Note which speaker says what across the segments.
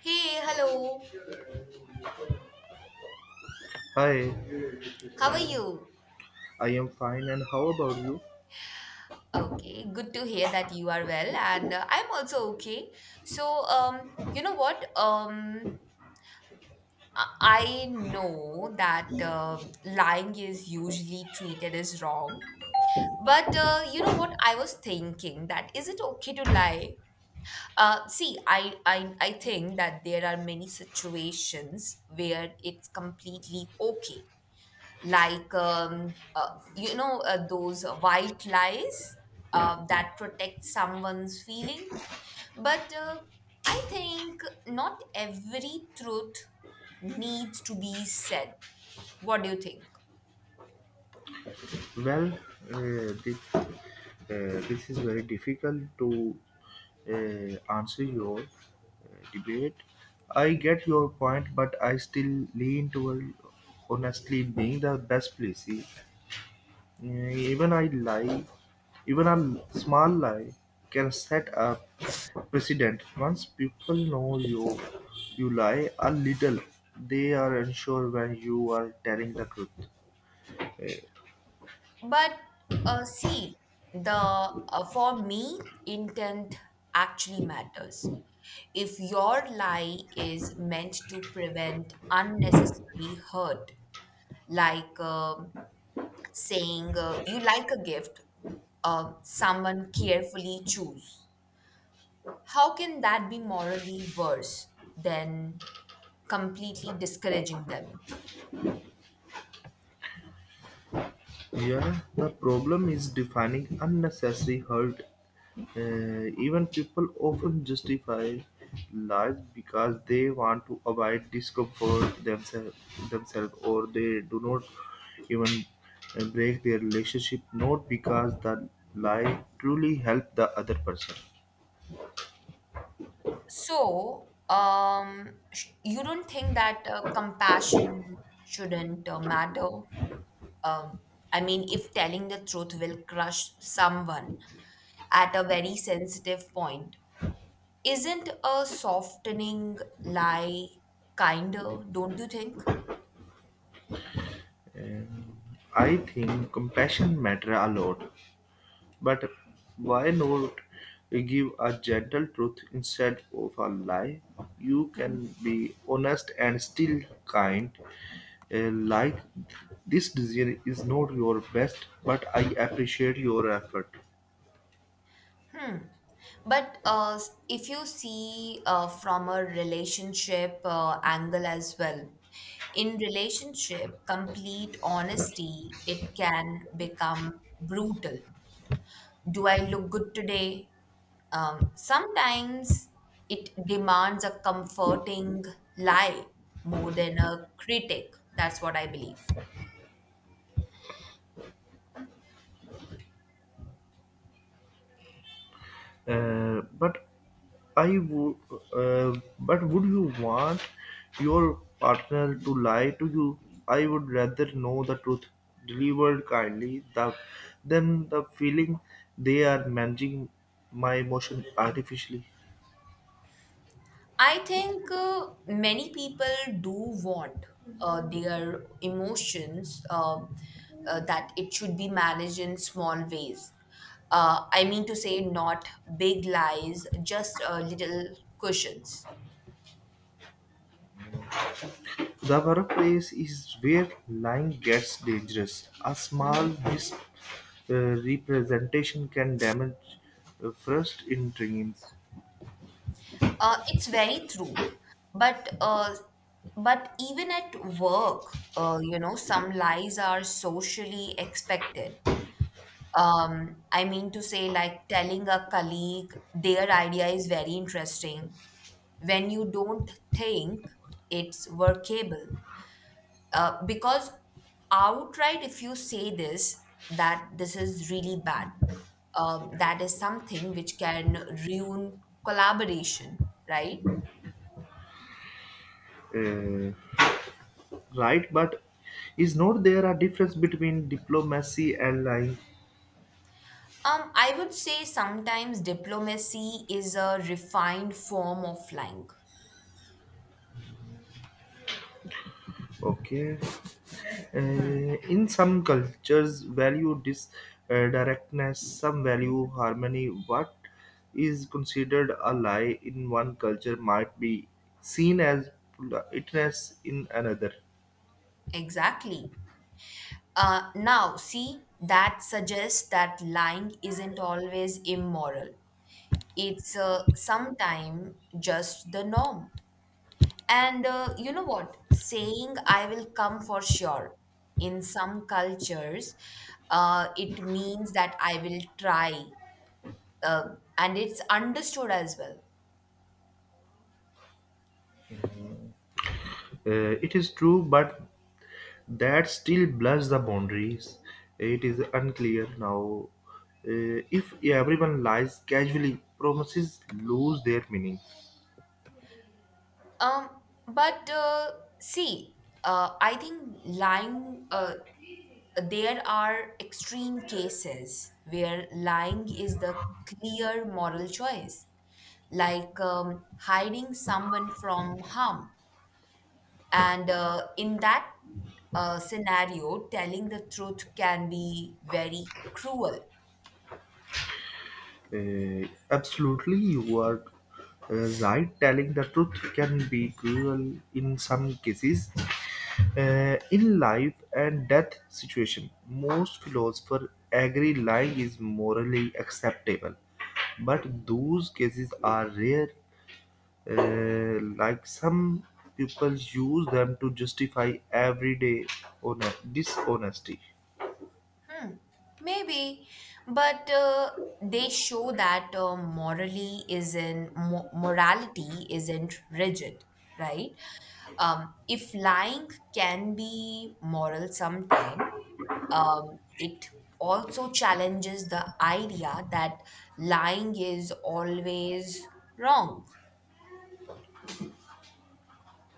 Speaker 1: Hey, hello.
Speaker 2: Hi,
Speaker 1: How are you?
Speaker 2: I am fine, and how about you?
Speaker 1: Okay, good to hear that you are well, and I'm also okay. So, you know what? I I know that lying is usually treated as wrong, but you know what? I was thinking that is it okay to lie? See, I think that there are many situations where it's completely okay like those white lies that protect someone's feeling but I think not every truth needs to be said. What do you think?
Speaker 2: Well, this this is very difficult to answer your debate. I get your point, but I still lean toward honestly being the best policy. Even I lie, even a small lie can set a precedent. Once people know you lie a little, they are unsure when you are telling the truth.
Speaker 1: But see, the for me intent actually matters. If your lie is meant to prevent unnecessary hurt, like saying you like a gift someone carefully choose. How can that be morally worse than completely discouraging them?
Speaker 2: Yeah, the problem is defining unnecessary hurt. Even people often justify life because they want to avoid discomfort themselves, themselves or they do not even break their relationship, not because the lie truly helped the other person.
Speaker 1: So, you don't think that compassion shouldn't matter? Um, I mean, if telling the truth will crush someone at a very sensitive point, isn't a softening lie kinder, don't you think?
Speaker 2: Um, I think compassion matter a lot. But why not give a gentle truth instead of a lie? You can be honest and still kind. Like this decision is not your best, but I appreciate your effort.
Speaker 1: Hmm. But if you see from a relationship angle as well, in relationship, complete honesty, it can become brutal. Do I look good today? Sometimes it demands a comforting lie more than a critic. That's what I believe.
Speaker 2: Uh, but I would, but would you want your partner to lie to you? I would rather know the truth delivered kindly the, than the feeling they are managing my emotion artificially.
Speaker 1: I think many people do want their emotions that it should be managed in small ways. I mean to say, not big lies, just little cushions.
Speaker 2: The workplace is where lying gets dangerous. A
Speaker 1: Hmm.
Speaker 2: small misrepresentation can damage trust in dreams.
Speaker 1: It's very true, but uh, but even at work, some lies are socially expected. I mean to say, like telling a colleague their idea is very interesting when you don't think it's workable. Because outright, if you say this, that this is really bad, that is something which can ruin collaboration, right?
Speaker 2: Uh, right, but is not there a difference between diplomacy and lying?
Speaker 1: I would say sometimes diplomacy is a refined form of lying.
Speaker 2: Okay.
Speaker 1: Hmm.
Speaker 2: In some cultures value this, directness, some value harmony. What is considered a lie in one culture might be seen as politeness in another.
Speaker 1: Exactly. Now, see, that suggests that lying isn't always immoral. It's sometimes just the norm. And you know what? Saying I will come for sure in some cultures, it means that I will try. And it's understood as well.
Speaker 2: It is true, but that still blurs the boundaries. It is unclear now, if everyone lies casually, promises lose their meaning.
Speaker 1: Um, but see, I think lying. There are extreme cases where lying is the clear moral choice, like hiding someone from harm. And in that scenario, telling the truth can be very cruel.
Speaker 2: Absolutely, you are right. Telling the truth can be cruel in some cases. In life and death situation, most philosophers agree lying is morally acceptable, but those cases are rare, like some people use them to justify everyday honest, dishonesty.
Speaker 1: Hmm, maybe, but they show that morally isn't mo- morality isn't rigid, right? If lying can be moral sometime, it also challenges the idea that lying is always wrong.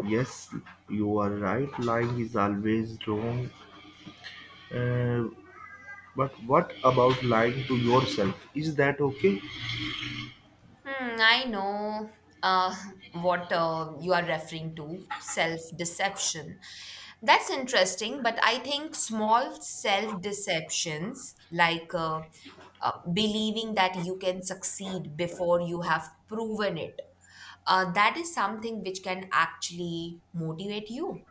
Speaker 2: Yes, you are right. Lying is always wrong. Uh, but what about lying to yourself? Is that okay?
Speaker 1: Hmm, I know uh, what you are referring to, self-deception. That's interesting, but I think small self-deceptions, like believing that you can succeed before you have proven it, that is something which can actually motivate you.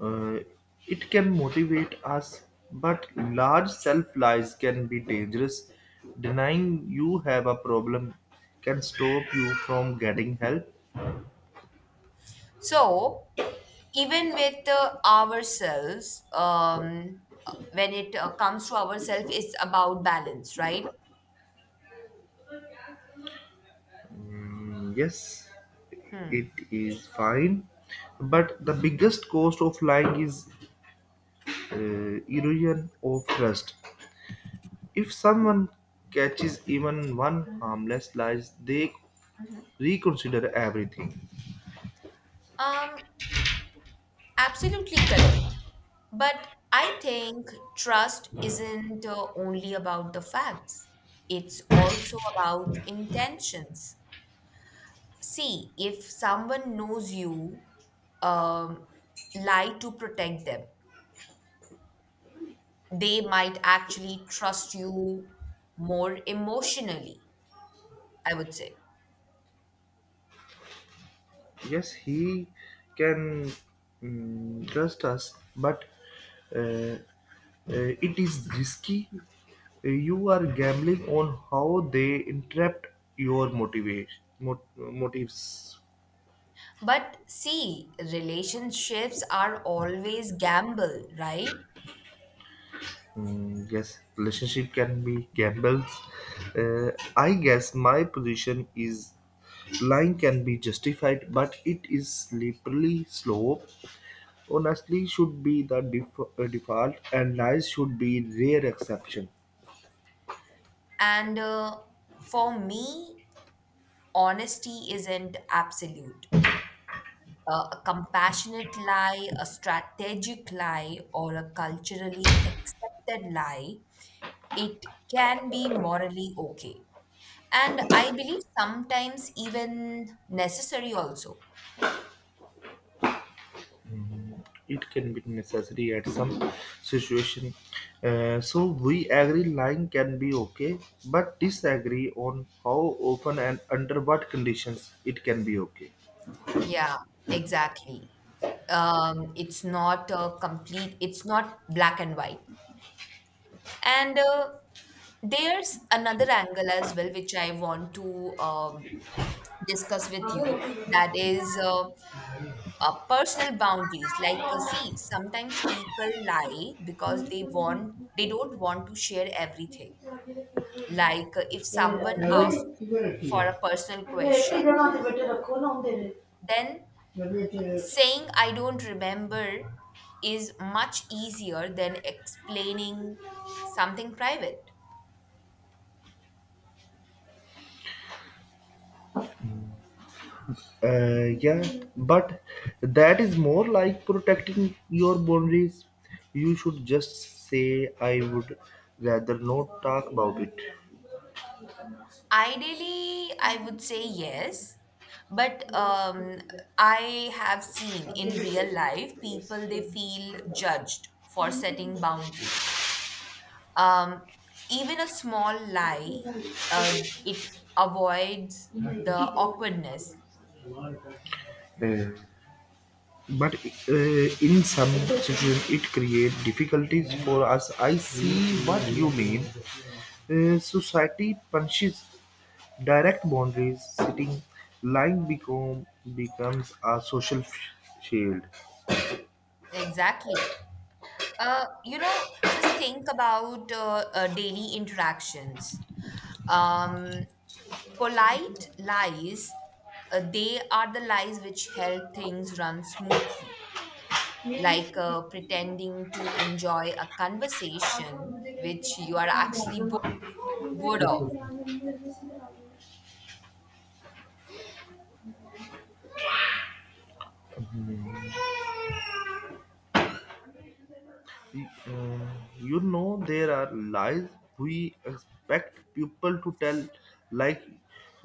Speaker 2: Uh, it can motivate us, but large self lies can be dangerous. Denying you have a problem can stop you from getting help.
Speaker 1: So, even with ourselves, when it comes to ourselves, it's about balance, right?
Speaker 2: Mm, yes, it
Speaker 1: Hmm.
Speaker 2: is fine, but the biggest cost of lying is erosion of trust. If someone catches even one harmless lie, they
Speaker 1: Mhm.
Speaker 2: reconsider everything.
Speaker 1: Um, Absolutely correct. But I think trust isn't only about the facts, it's also about intentions. See, if someone knows you, um, lie to protect them, they might actually trust you more emotionally, I would say.
Speaker 2: Yes, he can, mm, trust us, but it is risky. You are gambling on how they interpret your motives.
Speaker 1: But see, relationships are always gamble, right?
Speaker 2: Mm, yes, relationship can be gambles. I guess my position is lying can be justified, but it is slippery slope. Honestly, should be the default, and lies should be rare exception.
Speaker 1: And for me, honesty isn't absolute. A compassionate lie, a strategic lie, or a culturally accepted lie, it can be morally okay. And I believe sometimes even necessary also.
Speaker 2: It can be necessary at some situation. So we agree lying can be okay, but disagree on how often and under what conditions it can be okay.
Speaker 1: Yeah, exactly. It's not a complete, it's not black and white. And there's another angle as well, which I want to discuss with you, that is personal boundaries, like see, sometimes people lie because they don't want to share everything, like if someone asks for a personal question, then saying I don't remember is much easier than explaining something private.
Speaker 2: Uh, yeah, but that is more like protecting your boundaries. You should just say I would rather not talk about it.
Speaker 1: Ideally, I would say yes, but I have seen
Speaker 2: ਅੱਗੇ.
Speaker 1: in real life people they feel judged for setting boundaries. Um, Even a small lie, uh, it avoids the awkwardness.
Speaker 2: Uh, but in some situations it creates difficulties for us. I see what you mean. Uh, society punishes direct boundaries sitting, lying becomes a social shield.
Speaker 1: Exactly. Just think about daily interactions. Um, Polite lies, they are the lies which help things run smoothly, like pretending to enjoy a conversation which you are actually bored of.
Speaker 2: Uh, you know there are lies we expect people to tell, like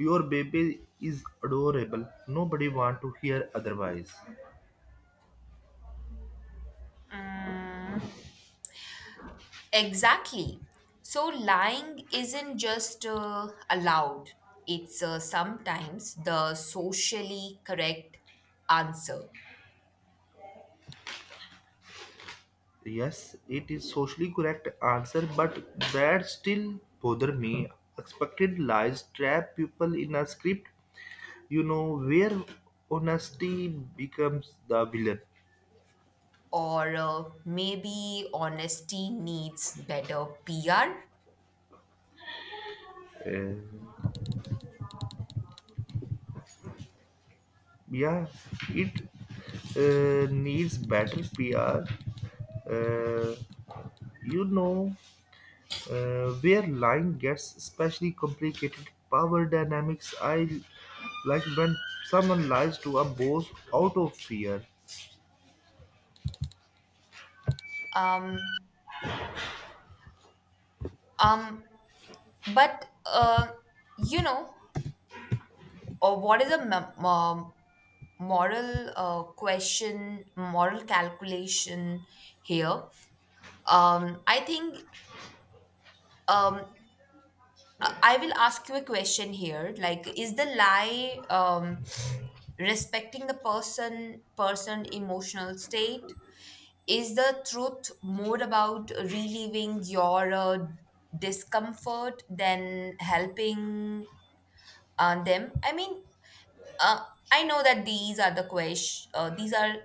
Speaker 2: your baby is adorable, nobody want to hear otherwise.
Speaker 1: Mm, exactly. So lying isn't just allowed, it's sometimes the socially correct answer.
Speaker 2: Yes, it is socially correct answer, but that still bother me. Expected lies trap people in a script, you know, where honesty becomes the villain.
Speaker 1: Or maybe honesty needs better PR.
Speaker 2: Uh, yeah, it needs better PR. Uh, you know where line gets especially complicated? Power dynamics. I, like when someone lies to a boss out of fear.
Speaker 1: Um, um, but uh, you know, or what is a moral question, moral calculation here? I think um, I I will ask you a question here. Like, is the lie respecting the person emotional state, is the truth more about relieving your discomfort than helping them? I mean, uh, I know that these are the question these are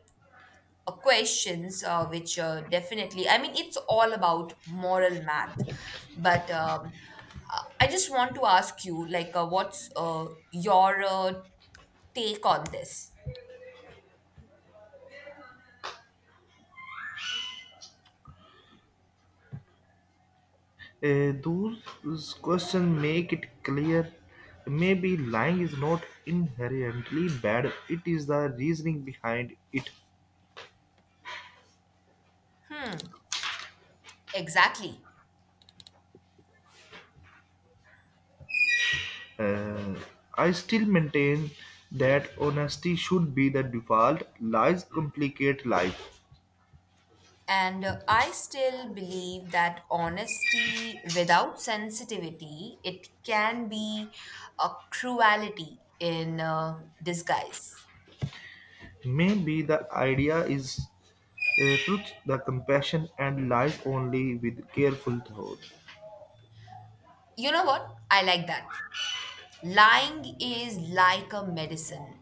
Speaker 1: questions which definitely, I mean, it's all about moral math, but I just want to ask you, like, what's your take on this?
Speaker 2: Those questions make it clear. Maybe lying is not inherently bad. It is the reasoning behind it.
Speaker 1: Hmm. Exactly.
Speaker 2: Uh, I still maintain that honesty should be the default. Lies complicate life.
Speaker 1: And I still believe that honesty without sensitivity, it can be a cruelty in disguise.
Speaker 2: Maybe the idea is truth, the compassion, and lies only with careful thought.
Speaker 1: You know what? I like that. Lying is like a medicine.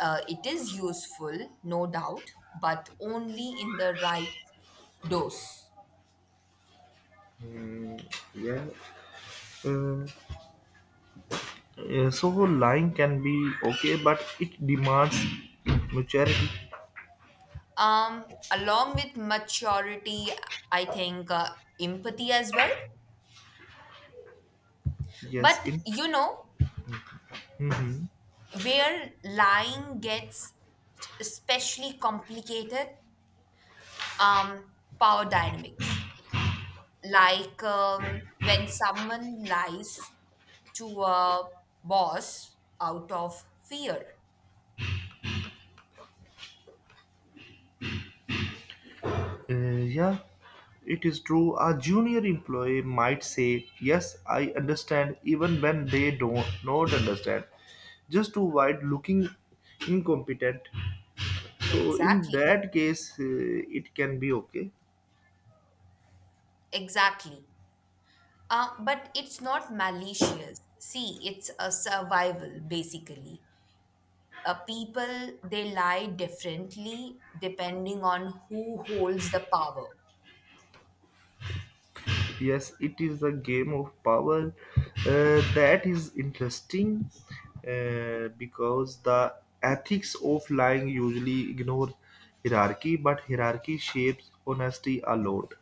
Speaker 1: It is useful, no doubt, but only in the right dose.
Speaker 2: Hmm, yeah. Uh, so lying can be okay, but it demands maturity.
Speaker 1: Um, Along with maturity, I think empathy as well.
Speaker 2: Yes.
Speaker 1: But
Speaker 2: In.
Speaker 1: you know,
Speaker 2: Mhm.
Speaker 1: where lying gets especially complicated, um, power dynamics. Like when someone lies to a boss out of fear.
Speaker 2: Yeah. It is true. A junior employee might say, "Yes, I understand," even when they don't not understand, just to avoid looking incompetent. So in
Speaker 1: Exactly.
Speaker 2: that case, it can be okay.
Speaker 1: Exactly. But it's not malicious. See, it's a survival basically. People, they lie differently depending on who holds the power.
Speaker 2: Yes, it is a game of power. That is interesting, because the ethics of lying usually ignore hierarchy, but hierarchy shapes honesty a lot.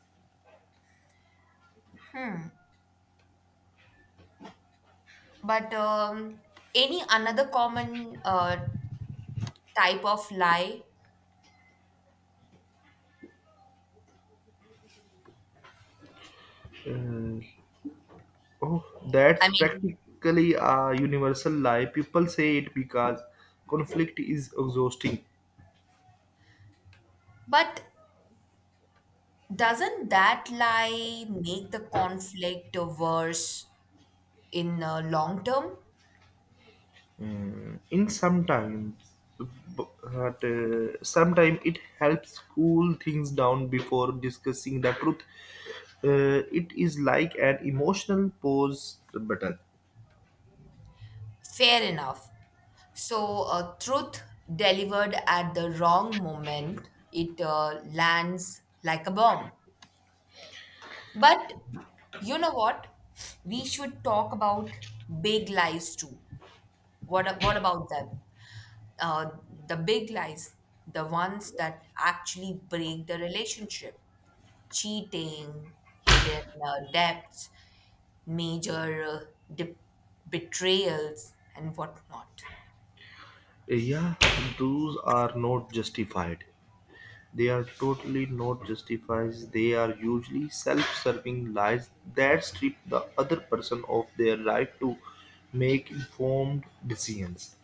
Speaker 1: But any another common type of lie?
Speaker 2: Uh, oh,
Speaker 1: I
Speaker 2: that's
Speaker 1: mean,
Speaker 2: practically a universal lie. People say it because conflict is exhausting.
Speaker 1: but doesn't that lie make the conflict worse in long term?
Speaker 2: Mm, in sometimes, but sometimes it helps cool things down before discussing the truth. Uh, it is like an emotional pause button.
Speaker 1: Fair enough. So, truth delivered at the wrong moment, it lands like a bomb. But you know what? We should talk about big lies too. What about them? uh, the big lies, the ones that actually break the relationship, cheating, hidden debts, major de- betrayals, and whatnot.
Speaker 2: Yeah, those are not justified. They are totally not justified. They are usually self-serving lies that strip the other person of their right to make informed decisions.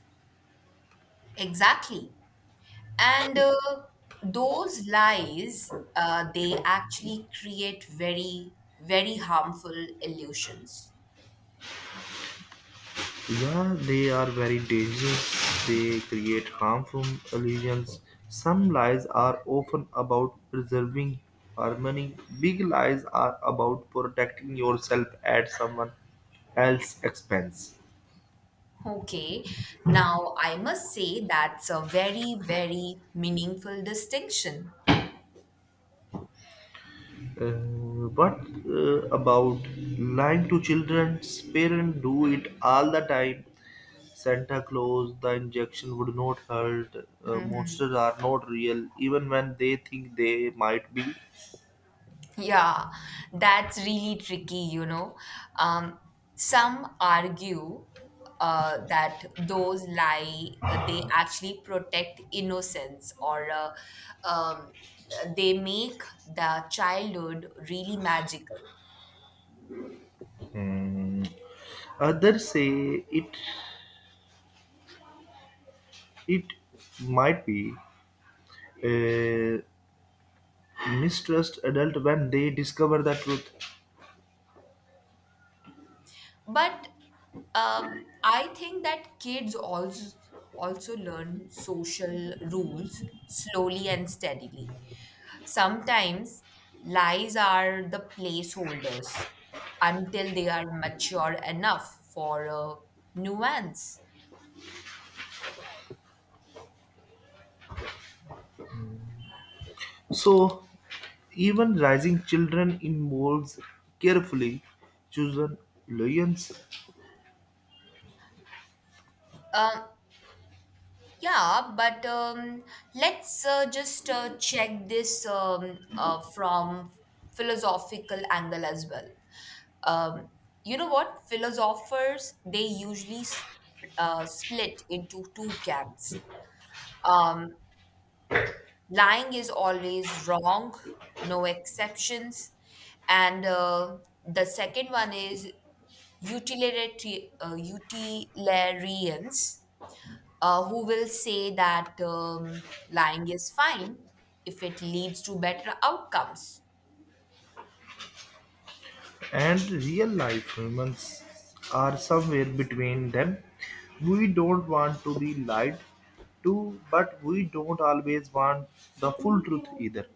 Speaker 1: Exactly. And those lies, they actually create very, very harmful illusions.
Speaker 2: Yeah, they are very dangerous. They create harmful illusions. Some lies are often about preserving harmony. Big lies are about protecting yourself at someone else's expense.
Speaker 1: Okay, now I must say that's a very, very meaningful distinction.
Speaker 2: Uh, but about lying to children's parents do it all the time. Santa Claus, the injection would not hurt.
Speaker 1: Mm-hmm.
Speaker 2: Monsters are not real, even when they think they might be.
Speaker 1: Yeah, that's really tricky, you know. Um, some argue that those lie, they actually protect innocence or um, they make the childhood really magical.
Speaker 2: Others say it might be uh, mistrust adult when they discover the truth.
Speaker 1: But I think that kids also learn social rules slowly and steadily. Sometimes lies are the placeholders until they are mature enough for a nuance.
Speaker 2: So even raising children involves carefully chosen lions,
Speaker 1: Um, yeah, but let's just check this from philosophical angle as well. um, you know what philosophers they usually split into two camps, um, lying is always wrong, no exceptions, and the second one is utilitarians who will say that lying is fine if it leads to better outcomes.
Speaker 2: and real life humans are somewhere between them. We don't want to be lied to, but we don't always want the full truth either.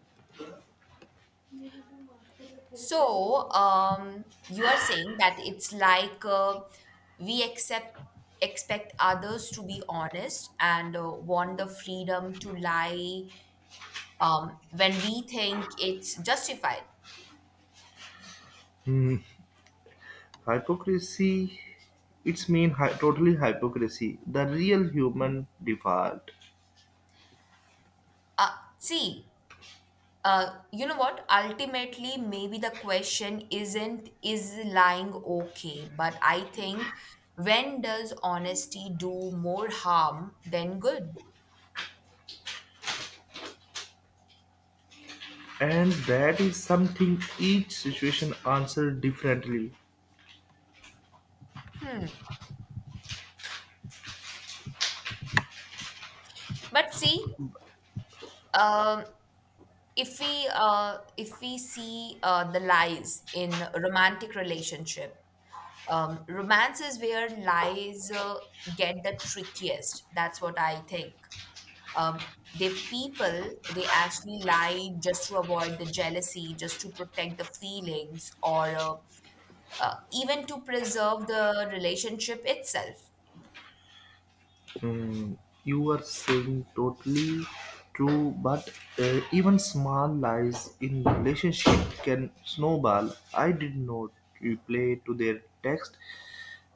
Speaker 1: So, you are saying that it's like we accept expect others to be honest and want the freedom to lie when we think it's justified.
Speaker 2: Hmm. Hypocrisy, its mean totally hypocrisy, the real human default,
Speaker 1: Uh, See, you know what? Ultimately, maybe the question isn't is lying okay, but I think when does honesty do more harm than good?
Speaker 2: and that is something each situation answers differently.
Speaker 1: But see, um, if we see the lies in romantic relationship, romance is where lies get the trickiest. That's what I think. um, they, people, they actually lie just to avoid the jealousy, just to protect the feelings, or even to preserve the relationship itself.
Speaker 2: Hmm, you are saying totally true, but even small lies in relationship can snowball. I did not reply to their text,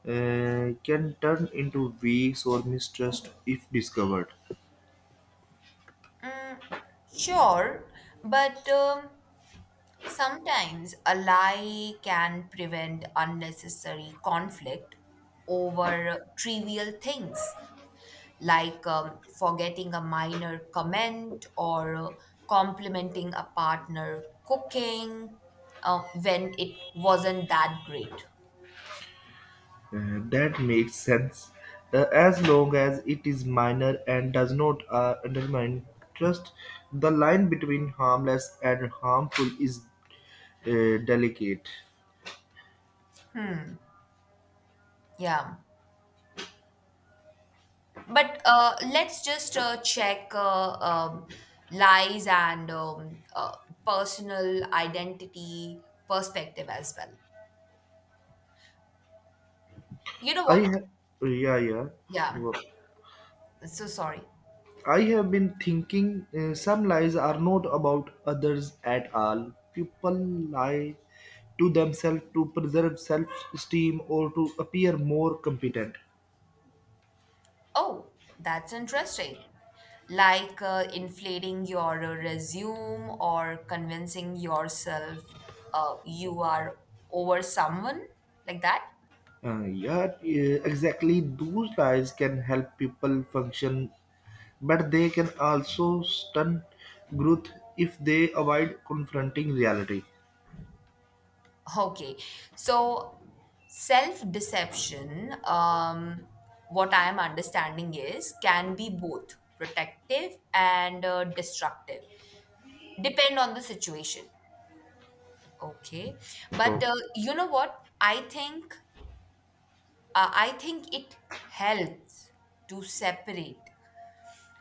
Speaker 2: can turn into weeks or mistrust if discovered.
Speaker 1: Mm, sure, but sometimes a lie can prevent unnecessary conflict over trivial things, like forgetting a minor comment or complimenting a partner cooking when it wasn't that great.
Speaker 2: That makes sense, as long as it is minor and does not undermine trust. The line between harmless and harmful is delicate.
Speaker 1: Yeah. But let's just check lies and personal identity perspective as well. You know
Speaker 2: I
Speaker 1: what?
Speaker 2: ha- yeah, yeah.
Speaker 1: Yeah.
Speaker 2: Wo-
Speaker 1: So sorry.
Speaker 2: I have been thinking, some lies are not about others at all. People lie to themselves to preserve self-esteem or to appear more competent.
Speaker 1: Oh, that's interesting. Like inflating your resume or convincing yourself you are over someone, like that?
Speaker 2: Yeah, exactly. Those lies can help people function, but they can also stunt growth if they avoid confronting reality.
Speaker 1: Okay. So, self deception, what I am understanding is, can be both protective and destructive, depend on the situation. Okay. But
Speaker 2: Oh.
Speaker 1: you know what? I think it helps to separate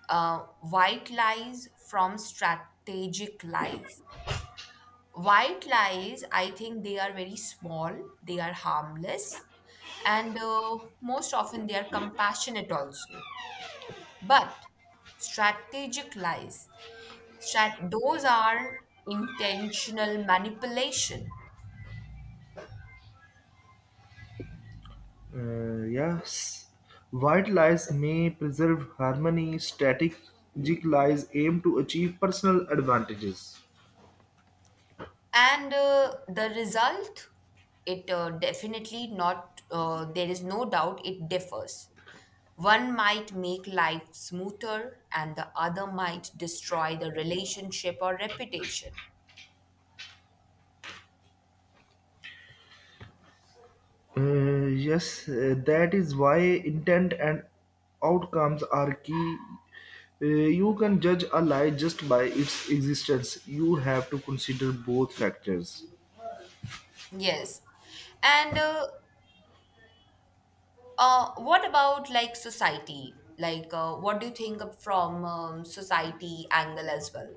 Speaker 1: white lies from strategic lies. White lies, I think they are very small, they are harmless, and most often they are compassionate also. But strategic lies, those are intentional manipulation,
Speaker 2: Yes, white lies may preserve harmony. Strategic lies aim to achieve personal advantages.
Speaker 1: and the result, it definitely not, there is no doubt it differs. One might make life smoother, and the other might destroy the relationship or reputation.
Speaker 2: Yes, that is why intent and outcomes are key. You can judge a lie just by its existence. You have to consider both factors.
Speaker 1: Yes, and what about like society, like what do you think of from society angle as well?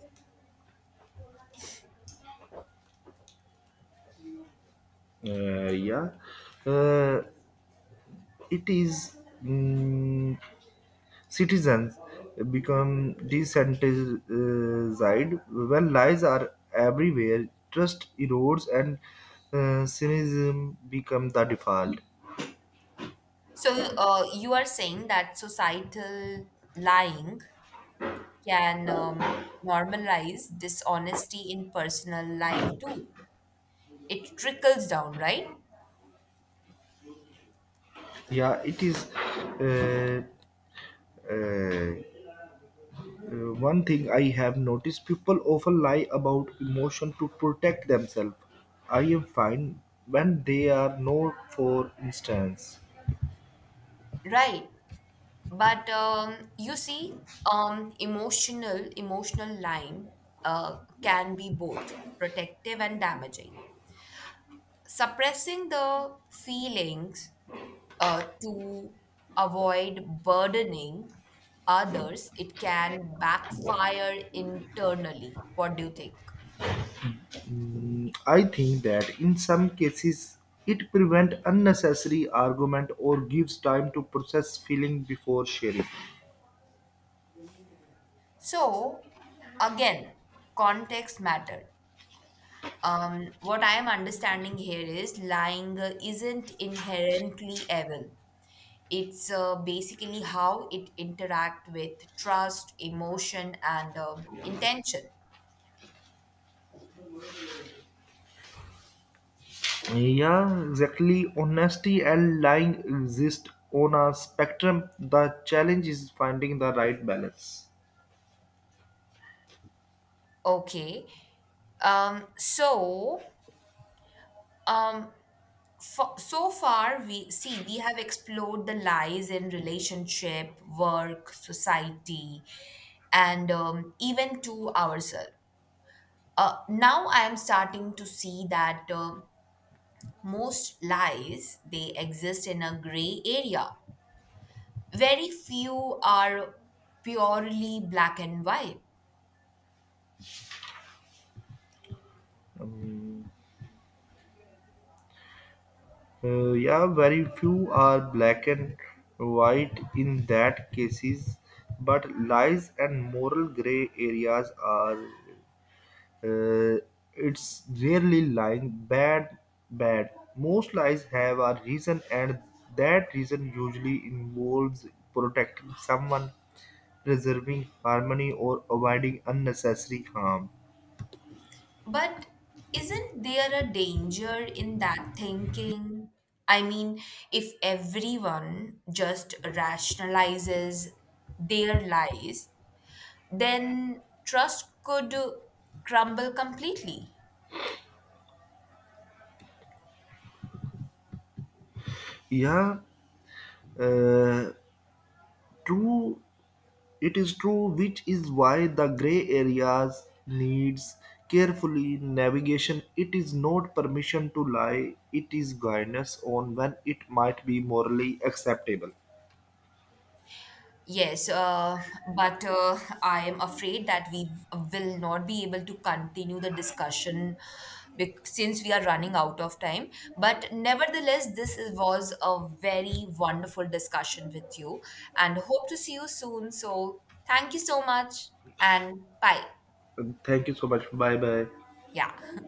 Speaker 2: Yeah, uh, it is, mm, citizens become desensitized when lies are everywhere. Trust erodes and cynicism become the default.
Speaker 1: So you are saying that societal lying can normalize dishonesty in personal life too. It trickles down, right?
Speaker 2: Yeah, it is. Uh, uh, One thing I have noticed, people often lie about emotion to protect themselves. I am fine when they are not, for instance.
Speaker 1: Right. But you see, emotional line can be both protective and damaging. Suppressing the feelings to avoid burdening others, it can backfire internally. What do you think?
Speaker 2: Mm, I think that in some cases it prevents unnecessary argument or gives time to process feeling before sharing.
Speaker 1: So again, context matter. What I am understanding here is lying isn't inherently evil. It's basically how it interact with trust, emotion, and intention.
Speaker 2: Yeah, exactly. Honesty and lying exist on a spectrum. The challenge is finding the right balance.
Speaker 1: Okay. So um, so far we see we have explored the lies in relationship, work, society, and even to ourselves. Now I am starting to see that most lies they exist in a gray area. Very few are purely black and white.
Speaker 2: Um, Uh, yeah, very few are black and white in that cases, but lies and moral gray areas are. Uh, it's rarely lying bad. Most lies have a reason, and that reason usually involves protecting someone, preserving harmony, or avoiding unnecessary harm.
Speaker 1: But isn't there a danger in that thinking? I mean, if everyone just rationalizes their lies, then trust could crumble completely.
Speaker 2: Yeah, uh, true. It is true, which is why the gray areas needs carefully navigation. It is not permission to lie. It is guidance on when it might be morally acceptable.
Speaker 1: Yes, but I am afraid that we will not be able to continue the discussion since we are running out of time. But nevertheless, this was a very wonderful discussion with you, and hope to see you soon. So, thank you so much and bye.
Speaker 2: Thank you so much. Bye bye.
Speaker 1: Yeah.